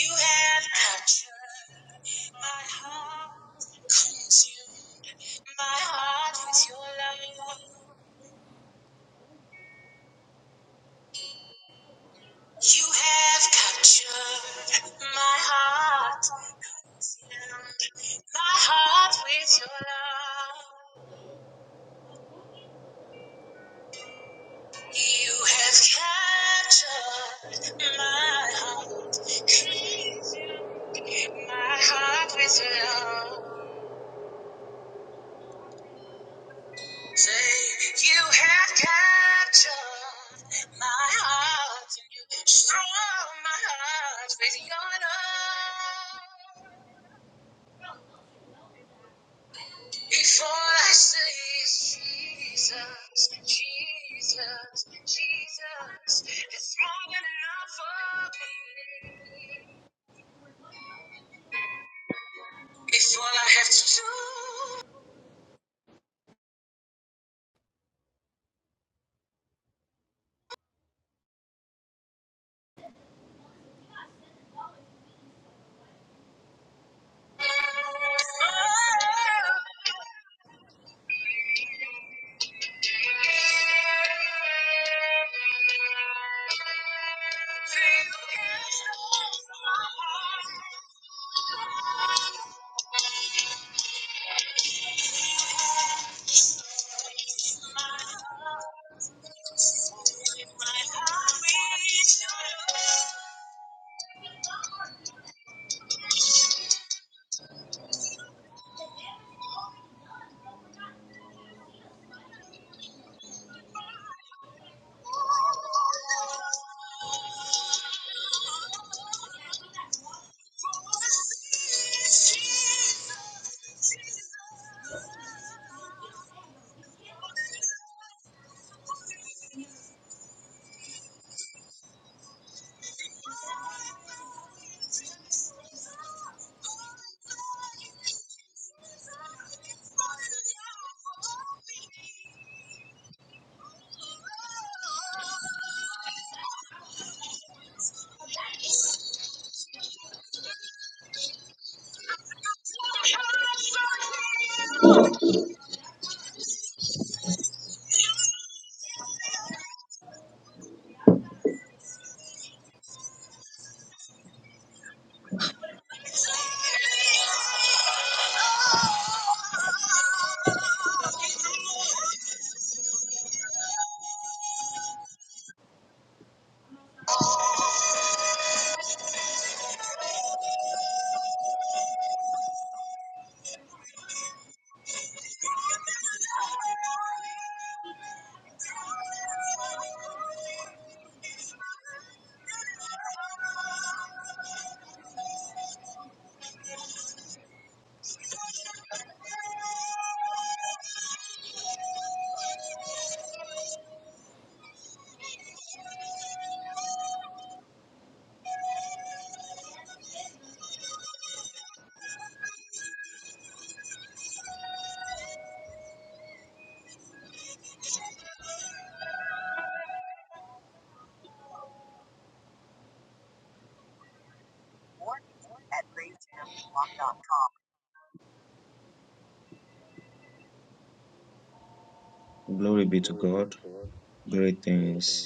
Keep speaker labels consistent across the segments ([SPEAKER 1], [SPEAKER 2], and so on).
[SPEAKER 1] You have captured my heart, consumed my heart with your love. You have captured my heart, consumed my heart with your love. You have captured my heart, consumed my heart with your love. Say, you have captured my heart, and you strong my heart with your love. Before I say it's Jesus, Jesus, Jesus, it's more than enough for me. It's all I have to do. Oh.
[SPEAKER 2] Hello.
[SPEAKER 1] Glory be to
[SPEAKER 2] Glory be
[SPEAKER 1] God.
[SPEAKER 2] to
[SPEAKER 1] Great things
[SPEAKER 2] Everything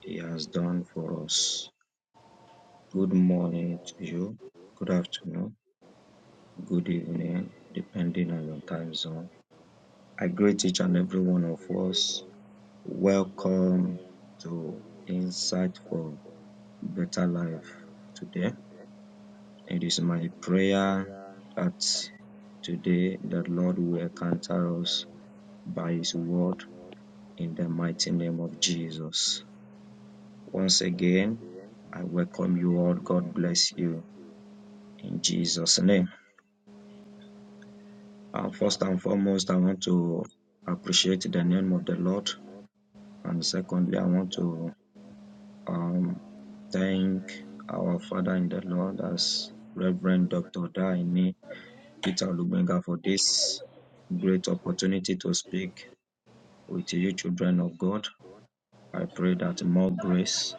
[SPEAKER 1] He has
[SPEAKER 2] you
[SPEAKER 1] done
[SPEAKER 2] have done
[SPEAKER 1] for us.
[SPEAKER 2] for
[SPEAKER 1] Good
[SPEAKER 2] good
[SPEAKER 1] morning to
[SPEAKER 2] morning,
[SPEAKER 1] you.
[SPEAKER 2] good
[SPEAKER 1] Good afternoon. Good
[SPEAKER 2] good
[SPEAKER 1] evening,
[SPEAKER 2] evening,
[SPEAKER 1] depending on
[SPEAKER 2] and
[SPEAKER 1] your
[SPEAKER 2] on
[SPEAKER 1] time
[SPEAKER 2] your
[SPEAKER 1] zone.
[SPEAKER 2] time.
[SPEAKER 1] I greet
[SPEAKER 2] I
[SPEAKER 1] each and
[SPEAKER 2] greet
[SPEAKER 1] every
[SPEAKER 2] each and
[SPEAKER 1] one of
[SPEAKER 2] every one of
[SPEAKER 1] us.
[SPEAKER 2] us.
[SPEAKER 1] Welcome
[SPEAKER 2] Welcome
[SPEAKER 1] to
[SPEAKER 2] to
[SPEAKER 1] Insight
[SPEAKER 2] Insight
[SPEAKER 1] for
[SPEAKER 2] for
[SPEAKER 1] Better
[SPEAKER 2] Better
[SPEAKER 1] Life
[SPEAKER 2] Life
[SPEAKER 1] today.
[SPEAKER 2] today.
[SPEAKER 1] It is
[SPEAKER 2] And
[SPEAKER 1] my
[SPEAKER 2] it's my
[SPEAKER 1] prayer
[SPEAKER 2] prayer
[SPEAKER 1] that
[SPEAKER 2] that
[SPEAKER 1] today
[SPEAKER 2] today
[SPEAKER 1] the
[SPEAKER 2] the
[SPEAKER 1] Lord will
[SPEAKER 2] Lord will
[SPEAKER 1] encounter
[SPEAKER 2] answer
[SPEAKER 1] us
[SPEAKER 2] us
[SPEAKER 1] by His
[SPEAKER 2] by His
[SPEAKER 1] word
[SPEAKER 2] word
[SPEAKER 1] in the
[SPEAKER 2] in the
[SPEAKER 1] mighty name
[SPEAKER 2] mighty
[SPEAKER 1] of
[SPEAKER 2] name of
[SPEAKER 1] Jesus.
[SPEAKER 2] Jesus.
[SPEAKER 1] Once
[SPEAKER 2] Once
[SPEAKER 1] again,
[SPEAKER 2] again,
[SPEAKER 1] I
[SPEAKER 2] I
[SPEAKER 1] welcome you
[SPEAKER 2] welcome
[SPEAKER 1] all.
[SPEAKER 2] you
[SPEAKER 1] God
[SPEAKER 2] all. God
[SPEAKER 1] bless
[SPEAKER 2] bless
[SPEAKER 1] you
[SPEAKER 2] you
[SPEAKER 1] in
[SPEAKER 2] in
[SPEAKER 1] Jesus' name.
[SPEAKER 2] Jesus' name.
[SPEAKER 1] Uh, first
[SPEAKER 2] Uh,
[SPEAKER 1] and
[SPEAKER 2] first and
[SPEAKER 1] foremost, I want
[SPEAKER 2] foremost, I
[SPEAKER 1] to
[SPEAKER 2] want to
[SPEAKER 1] appreciate the
[SPEAKER 2] appreciate
[SPEAKER 1] name
[SPEAKER 2] the
[SPEAKER 1] of the
[SPEAKER 2] name of
[SPEAKER 1] Lord.
[SPEAKER 2] the Lord.
[SPEAKER 1] And
[SPEAKER 2] And
[SPEAKER 1] secondly, I
[SPEAKER 2] secondly,
[SPEAKER 1] want
[SPEAKER 2] I want
[SPEAKER 1] to
[SPEAKER 2] to
[SPEAKER 1] um,
[SPEAKER 2] um,
[SPEAKER 1] thank
[SPEAKER 2] thank
[SPEAKER 1] our
[SPEAKER 2] our
[SPEAKER 1] Father in the
[SPEAKER 2] Father in the
[SPEAKER 1] Lord
[SPEAKER 2] Lord,
[SPEAKER 1] as
[SPEAKER 2] um,
[SPEAKER 1] Reverend
[SPEAKER 2] Reverend
[SPEAKER 1] Dr. Daini
[SPEAKER 2] Dr. Dan,
[SPEAKER 1] Peter Lubenga for
[SPEAKER 2] for
[SPEAKER 1] this
[SPEAKER 2] this
[SPEAKER 1] great
[SPEAKER 2] great
[SPEAKER 1] opportunity to speak with you, children of God. I pray
[SPEAKER 2] prayer.
[SPEAKER 1] that more grace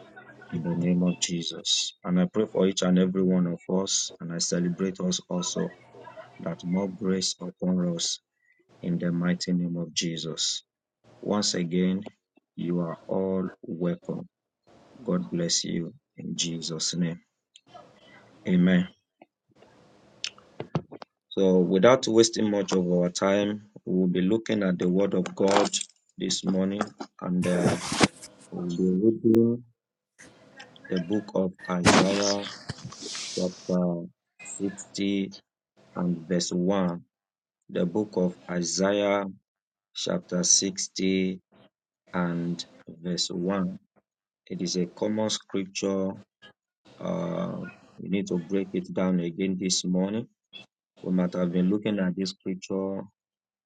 [SPEAKER 1] in the name of Jesus. And I pray for each and every one of us, and I celebrate us also that more grace upon us in the mighty name of Jesus. Once again, you are all welcome. God bless you in Jesus' name. Amen. So, without wasting much of our time, we'll be looking at the Word of God this morning and uh, we'll be reading the book of Isaiah chapter 60 and verse 1, the book of Isaiah, chapter 60 and verse 1. It is a common scripture. Uh, we need to break it down again this morning. We might have been looking at this scripture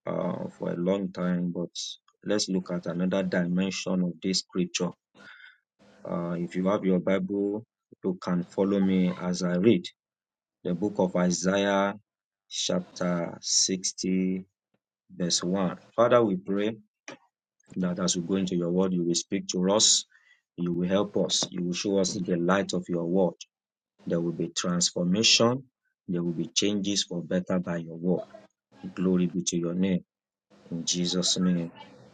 [SPEAKER 1] uh, for a long time, but let's look at another dimension of this scripture. Uh, if you have your Bible, you can follow me as I read. the book of Isaiah, chapter 60, verse 1. Father, we pray that as we go into your word, you will speak to us, you will help us, you will show us the light of your word. There will be transformation, there will be changes for better by your word. Glory be to your name. In Jesus' name,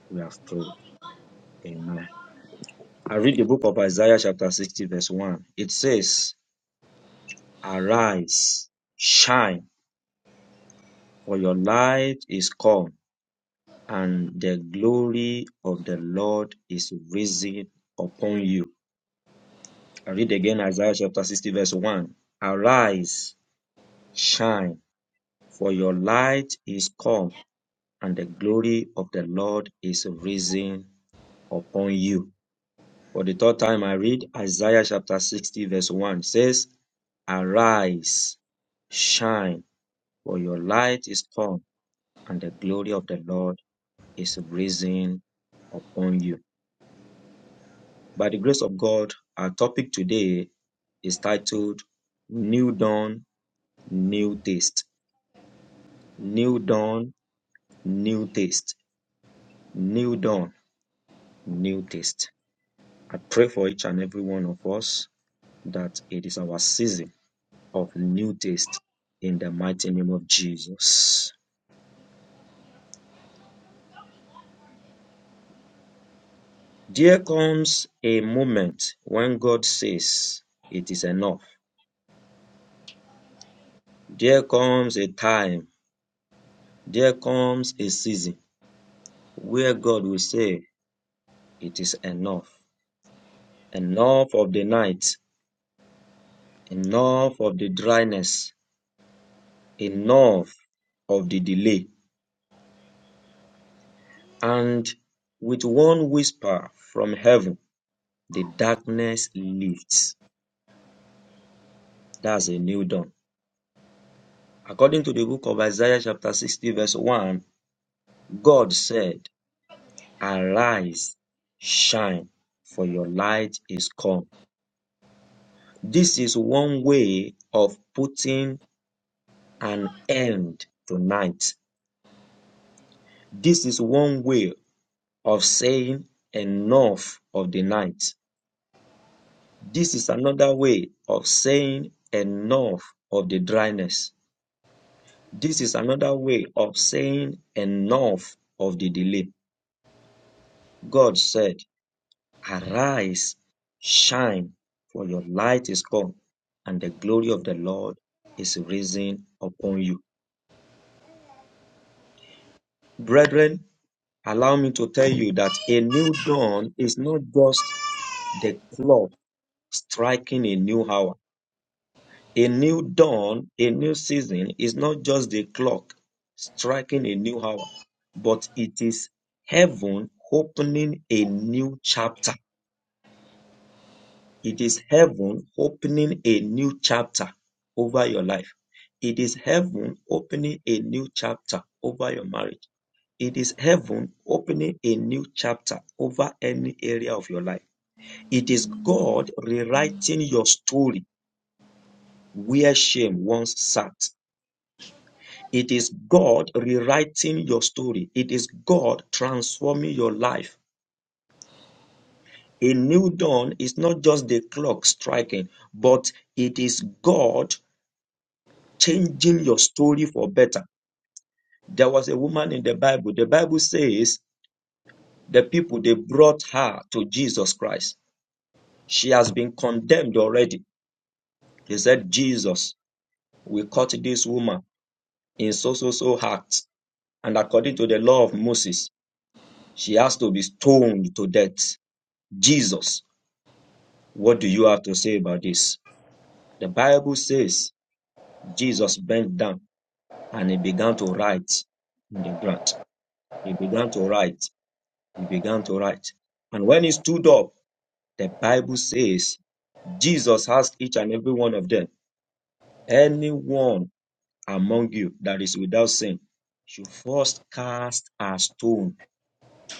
[SPEAKER 1] we have prayed. Amen. I read the book of Isaiah, chapter 60, verse 1. It says, Arise, shine, for your light is come and the glory of the Lord is risen upon you. I read again Isaiah chapter 60, verse 1. Arise, shine, for your light is come, and the glory of the Lord is risen upon you. For the third time, I read Isaiah chapter 60, verse 1 It says, Arise, shine, for your light is come, and the glory of the Lord is risen upon you. By the grace of God, our topic today is titled New Dawn, New Taste. New Dawn, New Taste. New Dawn, New Taste. I pray for each and every one of us that it is our season of new taste in the mighty name of Jesus. There comes a moment when God says it is enough. There comes a time, there comes a season where God will say It is enough. Enough of the night. Enough of the dryness. Enough of the delay. And with one whisper from heaven, the darkness lifts. That's a new dawn. According to the book of Isaiah, chapter 60, verse 1, God said, Arise, shine, for your light is come. This is one way of putting an end to night. This is one way of saying enough of the night. This is another way of saying enough of the dryness. This is another way of saying enough of the delay. God said, Arise, shine, for your light is come, and the glory of the Lord is risen upon you. Brethren, allow me to tell you that a new dawn is not just the clock striking a new hour A new dawn, a new season is not just the clock striking a new hour, but it is heaven opening a new chapter. It is heaven opening a new chapter over your life. It is heaven opening a new chapter over your marriage. It is heaven opening a new chapter over any area of your life. It is God rewriting your story where shame once sat. It is God rewriting your story. It is God transforming your life. A new dawn is not just the clock striking, but it is God changing your story for better. There was a woman in the Bible. The Bible says the people they brought her to Jesus Christ. She has been condemned already. They said, Jesus, we caught this woman in so so so acts, and according to the law of Moses, she has to be stoned to death. Jesus. What do you have to say about this? The Bible says Jesus bent down and he began to write in the ground. He began to write. He began to write. And when he stood up, the Bible says Jesus asked each and every one of them, anyone among you that is without sin, should first cast a stone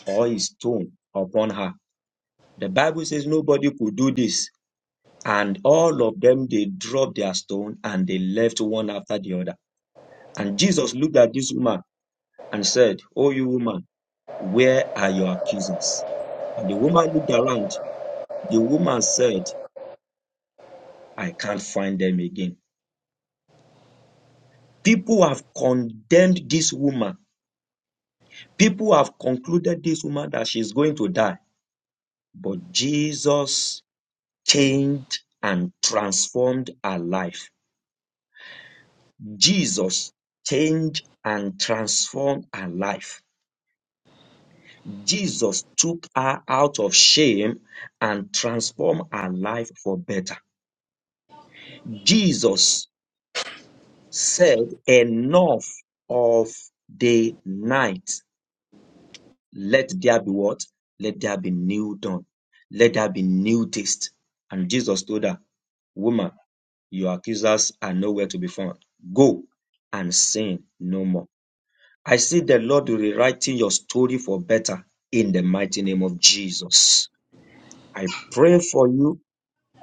[SPEAKER 1] or a stone upon her. The Bible says nobody could do this. And all of them, they dropped their stone and they left one after the other And Jesus looked at this woman and said, Oh, you woman, where are your accusers? And the woman looked around. The woman said, I can't find them again. People have condemned this woman. People have concluded this woman that she's going to die. But Jesus changed and transformed her life. Jesus changed and transformed her life. Jesus took her out of shame and transformed her life for better. Jesus said, Enough of the night. Let there be what? Let there be new dawn. Let there be new taste. And Jesus told her, Woman, your accusers are nowhere to be found. Go and sin no more. I see the Lord rewriting your story for better in the mighty name of Jesus. I pray for you.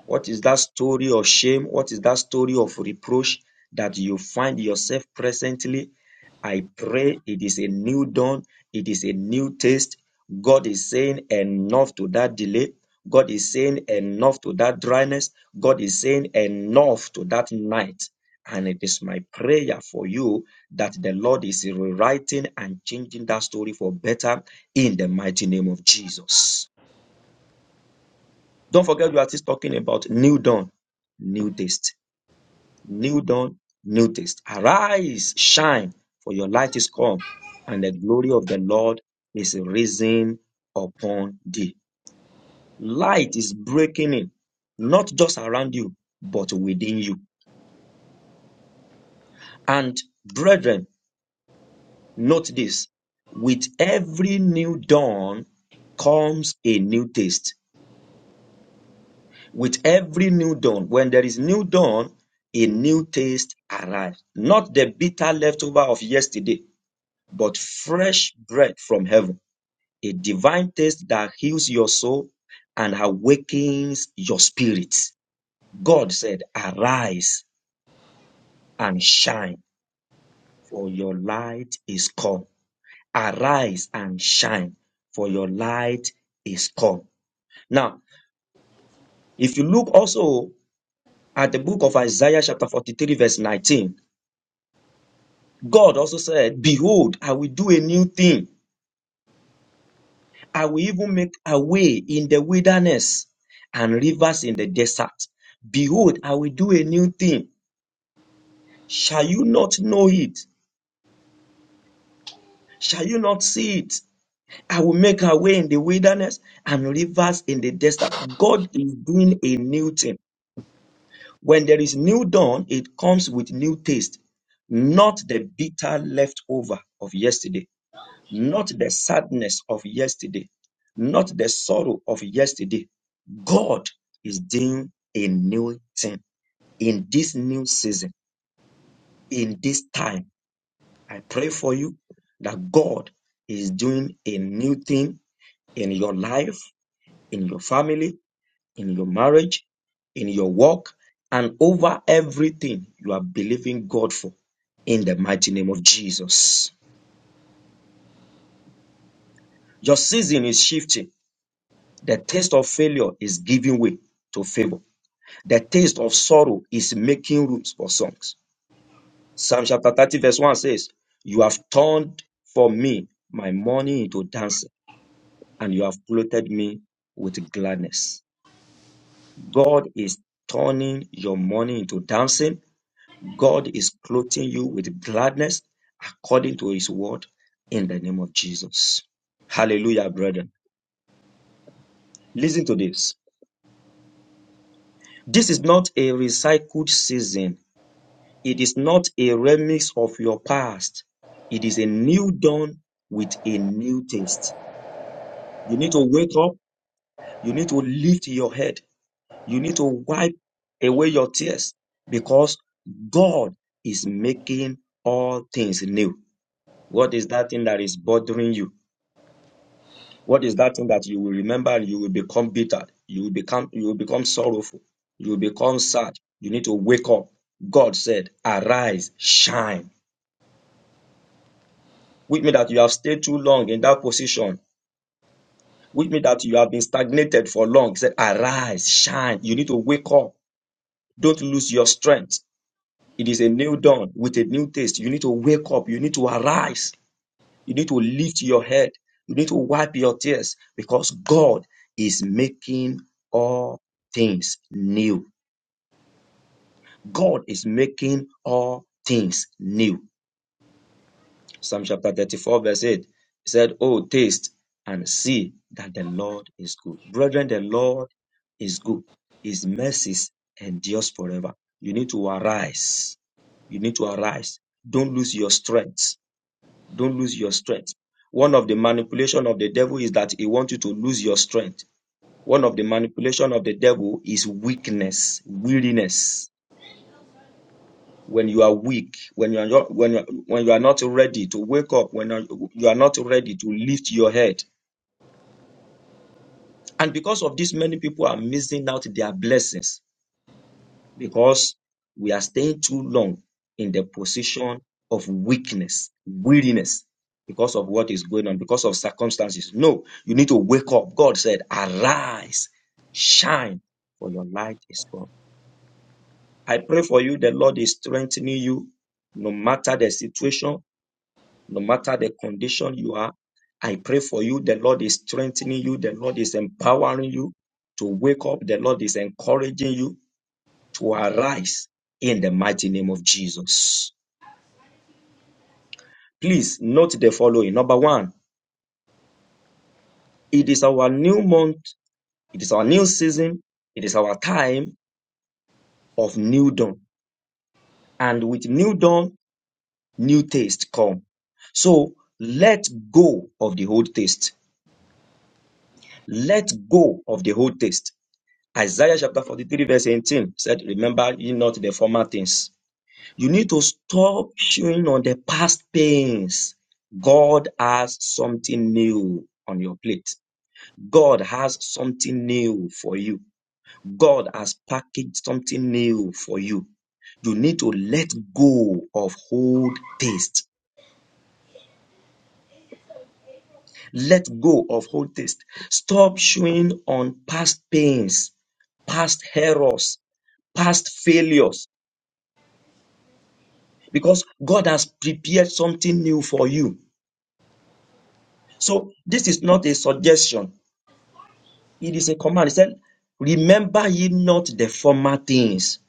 [SPEAKER 1] What is that story of shame? What is that story of reproach that you find yourself presently? I pray it is a new dawn. It is a new taste. God is saying enough to that delay. God is saying enough to that dryness. God is saying enough to that night. And it is my prayer for you that the Lord is rewriting and changing that story for better in the mighty name of Jesus. Don't forget we are still talking about new dawn, new taste. New dawn, new taste. Arise, shine, for your light is come, and the glory of the Lord is risen upon thee. Light is breaking in, not just around you, but within you. And brethren, note this with every new dawn comes a new taste with every new dawn. When there is new dawn, a new taste arrives. Not the bitter leftover of yesterday, but fresh bread from heaven. A divine taste that heals your soul and awakens your spirit. God said, Arise and shine, for your light is come. Arise and shine, for your light is come. Now, if you look also at the book of Isaiah, chapter 43, verse 19, God also said, Behold, I will do a new thing. I will even make a way in the wilderness and rivers in the desert. Behold, I will do a new thing. Shall you not know it? Shall you not see it? I will make a way in the wilderness and rivers in the desert. God is doing a new thing. When there is new dawn, it comes with new taste, not the bitter leftover of yesterday. not the sadness of yesterday, not the sorrow of yesterday. God is doing a new thing in this new season, in this time. I pray for you that God is doing a new thing in your life, in your family, in your marriage, in your work, and over everything you are believing God for in the mighty name of Jesus. Your season is shifting. The taste of failure is giving way to favor. The taste of sorrow is making roots for songs. Psalm chapter 30, verse 1 says, You have turned for me my mourning into dancing, and you have clothed me with gladness. God is turning your mourning into dancing. God is clothing you with gladness according to his word in the name of Jesus. Hallelujah, brethren. Listen to this. This is not a recycled season It is not a remix of your past. It is a new dawn with a new taste. You need to wake up. You need to lift your head. You need to wipe away your tears because God is making all things new. What is that thing that is bothering you? What is that thing that you will remember and you will become bitter? You will become you will become sorrowful. You will become sad. You need to wake up. God said, "Arise, shine." which means that you have stayed too long in that position, which means that you have been stagnated for long. He said, Arise, shine. You need to wake up. Don't lose your strength. It is a new dawn with a new taste. You need to wake up. You need to arise. You need to lift your head. You need to wipe your tears because God is making all things new. God is making all things new. Psalm chapter 34, verse 8. He said, Oh, taste and see that the Lord is good. Brethren, the Lord is good. His mercies endures forever. You need to arise. You need to arise. Don't lose your strength. Don't lose your strength. One of the manipulation of the devil is that he wants you to lose your strength. One of the manipulation of the devil is weakness, weariness when you are weak, when you are not, when you are, when you are not ready to wake up, when you are not ready to lift your head. And because of this, many people are missing out their blessings because we are staying too long in the position of weakness, weariness, because of what is going on, because of circumstances. No, you need to wake up. God said, arise, shine, for your light is come. I pray for you, the Lord is strengthening you no matter the situation, no matter the condition you are, I pray for you. The Lord is strengthening you. The Lord is empowering you to wake up. The Lord is encouraging you to arise in the mighty name of Jesus. Please note the following. Number one, it is our new month. It is our new season. It is our time of new dawn. And with new dawn, new taste come. So let go of the old taste. Let go of the old taste. Isaiah chapter 43, verse 18 said, Remember ye not the former things. You need to stop chewing on the past pains. God has something new on your plate. God has something new for you. God has packaged something new for you. You need to let go of old taste. Let go of old taste. Stop chewing on past pains, past errors, past failures because God has prepared something new for you. So this is not a suggestion. It is a command. He said, remember ye not the former things.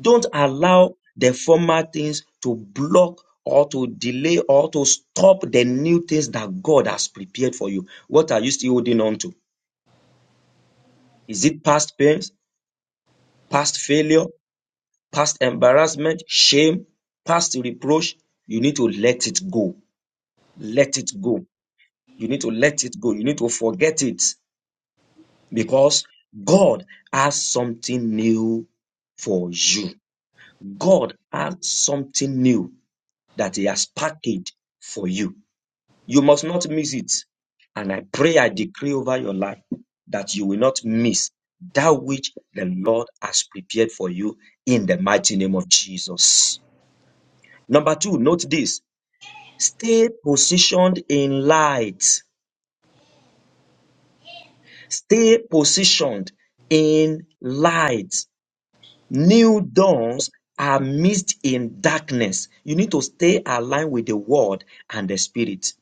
[SPEAKER 1] Don't allow the former things to block or to delay or to stop the new things that God has prepared for you. What are you still holding on to? Is it past pains, past failure, past embarrassment, shame, past reproach? You need to let it go. Let it go You need to let it go. You need to forget it because God has something new for you. God has something new that He has packaged for you. You must not miss it. And I pray, I decree over your life that you will not miss that which the Lord has prepared for you in the mighty name of Jesus. Number two, note this stay positioned in light. Stay positioned in light. New dawns are missed in darkness. You need to stay aligned with the word and the spirit.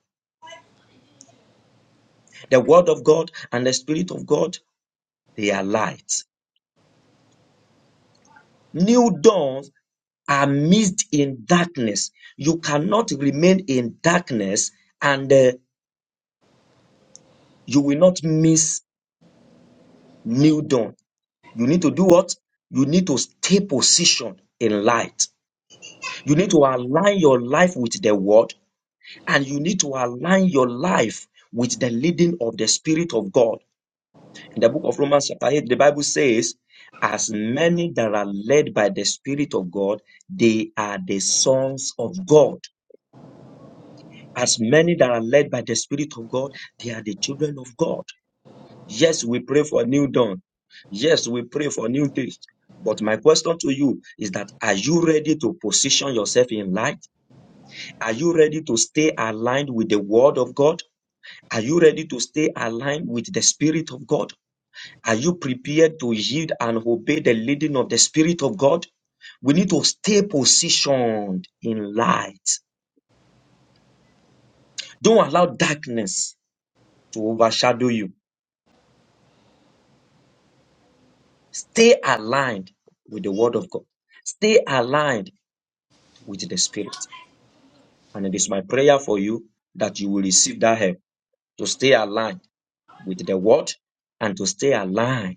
[SPEAKER 1] The word of God and the spirit of God, they are light. New dawns are missed in darkness. You cannot remain in darkness and uh, you will not miss new dawn. You need to do what? You need to stay positioned in light. You need to align your life with the word. and you need to align your life with the leading of the Spirit of God. In the book of Romans, chapter 8, the Bible says, As many that are led by the Spirit of God, they are the sons of God. As many that are led by the Spirit of God, they are the children of God. Yes, we pray for a new dawn. Yes, we pray for new days. But my question to you is that are you ready to position yourself in light? Are you ready to stay aligned with the word of God? Are you ready to stay aligned with the Spirit of God? Are you prepared to yield and obey the leading of the Spirit of God? We need to stay positioned in light. Don't allow darkness to overshadow you. Stay aligned with the Word of God. Stay aligned with the Spirit. And it is my prayer for you that you will receive that help to stay aligned with the Word and to stay aligned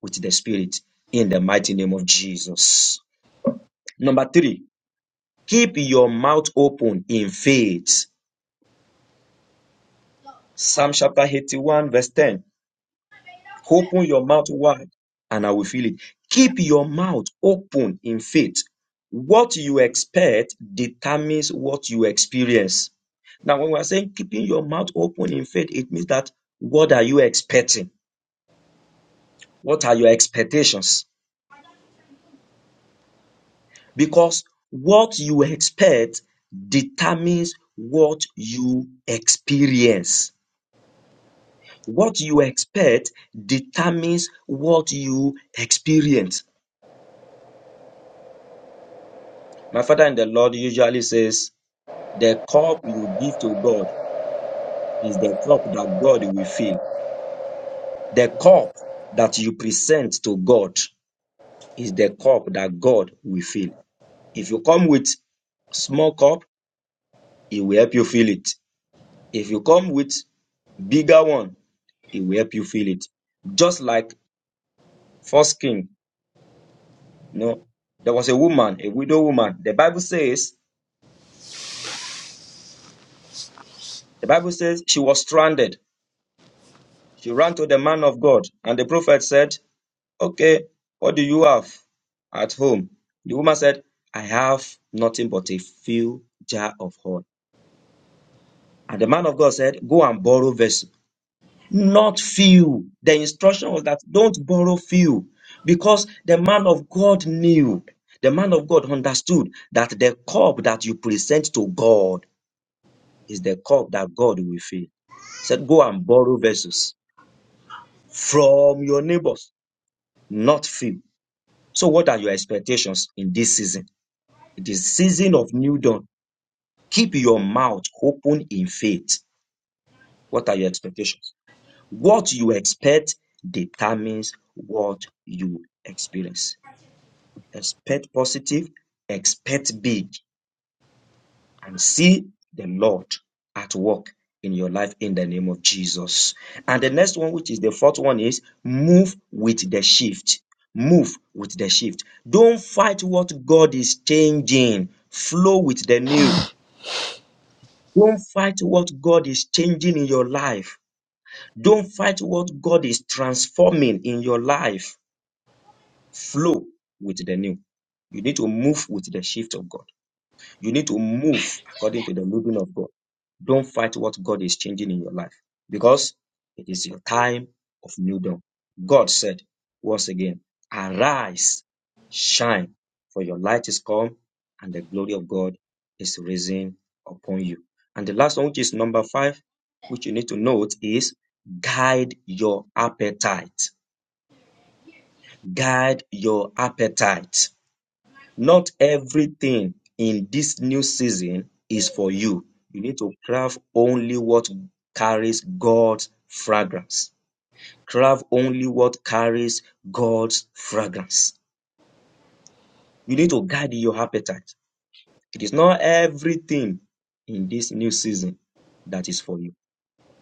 [SPEAKER 1] with the Spirit in the mighty name of Jesus. Number three, keep your mouth open in faith. Psalm chapter 81, verse 10. Open your mouth wide and I will fill it. Keep your mouth open in faith. What you expect determines what you experience. Now, when we are saying keeping your mouth open in faith, it means that what are you expecting? What are your expectations? Because what you expect determines what you experience. What you expect determines what you experience. My father in the Lord usually says, The cup you give to God is the cup that God will fill. The cup that you present to God is the cup that God will fill. If you come with small cup, it will help you fill it. If you come with bigger one, it will help you fill it. Just like first king, you know, there was a woman, a widow woman. The Bible says The Bible says she was stranded. She ran to the man of God, and the prophet said, Okay, what do you have at home? The woman said, I have nothing but a few jar of oil. And the man of God said, Go and borrow vessel, not few. The instruction was that don't borrow few, because the man of God knew, the man of God understood that the cup that you present to God is the cup that God will fill. He said, Go and borrow vessels from your neighbors, not few. So, what are your expectations in this season? It is season of new dawn. Keep your mouth open in faith. What are your expectations? What you expect determines what you experience. Expect positive, expect big, and see the Lord at work in your life in the name of Jesus. And the next one, which is the fourth one, is move with the shift. Move with the shift. Don't fight what God is changing, flow with the new. Don't fight what God is changing in your life. Don't fight what God is transforming in your life. Flow with the new. You need to move with the shift of God. You need to move according to the moving of God. Don't fight what God is changing in your life because it is your time of new dawn. God said once again, arise, shine, for your light is come and the glory of God is risen upon you. And the last one, which is number five, which you need to note is guide your appetite. Guide your appetite. Not everything in this new season is for you. You need to craft only what carries God's fragrance. Craft only what carries God's fragrance. You need to guard your appetite. It is not everything in this new season that is for you.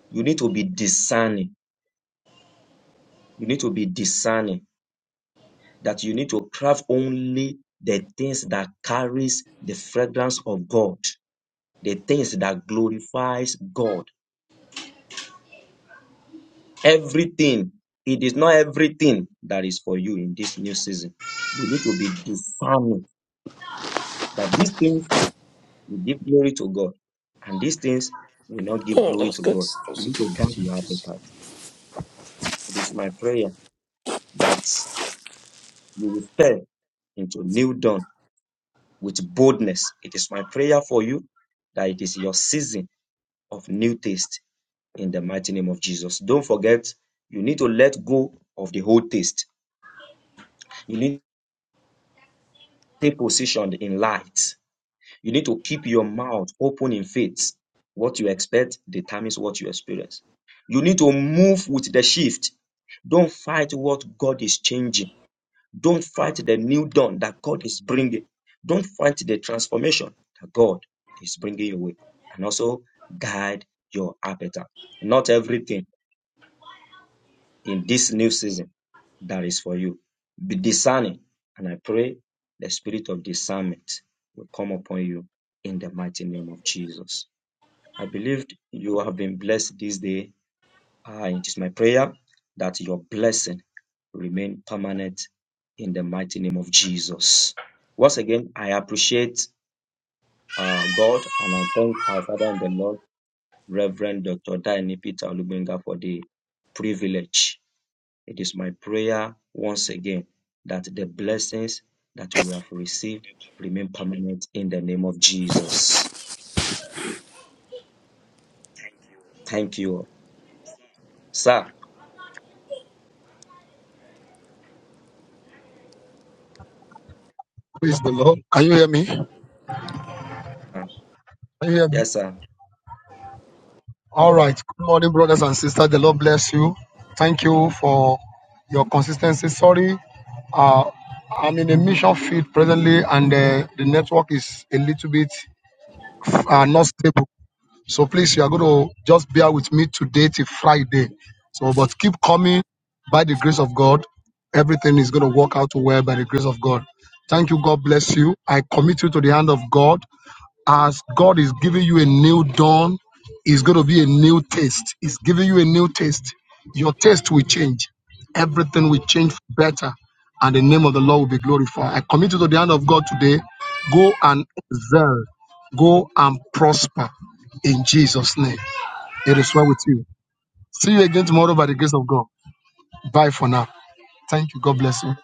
[SPEAKER 1] You need to be discerning. You need to be discerning that you need to craft only the things that carries the fragrance of God the things that glorifies God. Everything. It is not everything that is for you in this new season. We need to be discerning that these things will give glory to God and these things will not give
[SPEAKER 2] Oh, That
[SPEAKER 1] glory
[SPEAKER 2] was
[SPEAKER 1] to
[SPEAKER 2] good.
[SPEAKER 1] God. You need to guard your appetite. It is my prayer that you will step into new dawn with boldness. It is my prayer for you that it is your season of new taste in the mighty name of Jesus. Don't forget, you need to let go of the old taste You need to take position in light. You need to keep your mouth open in faith. What you expect determines what you experience. You need to move with the shift. Don't fight what God is changing. Don't fight the new dawn that God is bringing. Don't fight the transformation that God is bringing your way. And also guide your appetite. Not everything. in this new season that is for you. Be discerning. And I pray the spirit of discernment will come upon you in the mighty name of Jesus. I believe you have been blessed this day. And it is my prayer that your blessing remain permanent in the mighty name of Jesus. Once again, I appreciate uh, God and I thank our Father in the Lord, Reverend Dr. Daini Peter Olubinga, for the privilege it is my prayer once again that the blessings that we have received remain permanent in the name of Jesus. Thank you all. Sir.
[SPEAKER 3] Praise the Lord. Can you hear me? Can you hear me?
[SPEAKER 1] Yes, sir.
[SPEAKER 3] All right. Good morning, brothers and sisters. The Lord bless you. Thank you for your consistency. Sorry, uh, I'm in a mission field presently, and uh, the network is a little bit uh, not stable. So please, you are going to just bear with me today till Friday. So, but keep coming by the grace of God. Everything is going to work out well by the grace of God. Thank you. God bless you. I commit you to the hand of God As God is giving you a new dawn, it's going to be a new taste. It's giving you a new taste. Your taste will change. Everything will change for better, and the name of the Lord will be glorified. I commit you to the hand of God today. Go and excel. Go and prosper in Jesus' name. It is well with you. See you again tomorrow by the grace of God. Bye for now. Thank you. God bless you.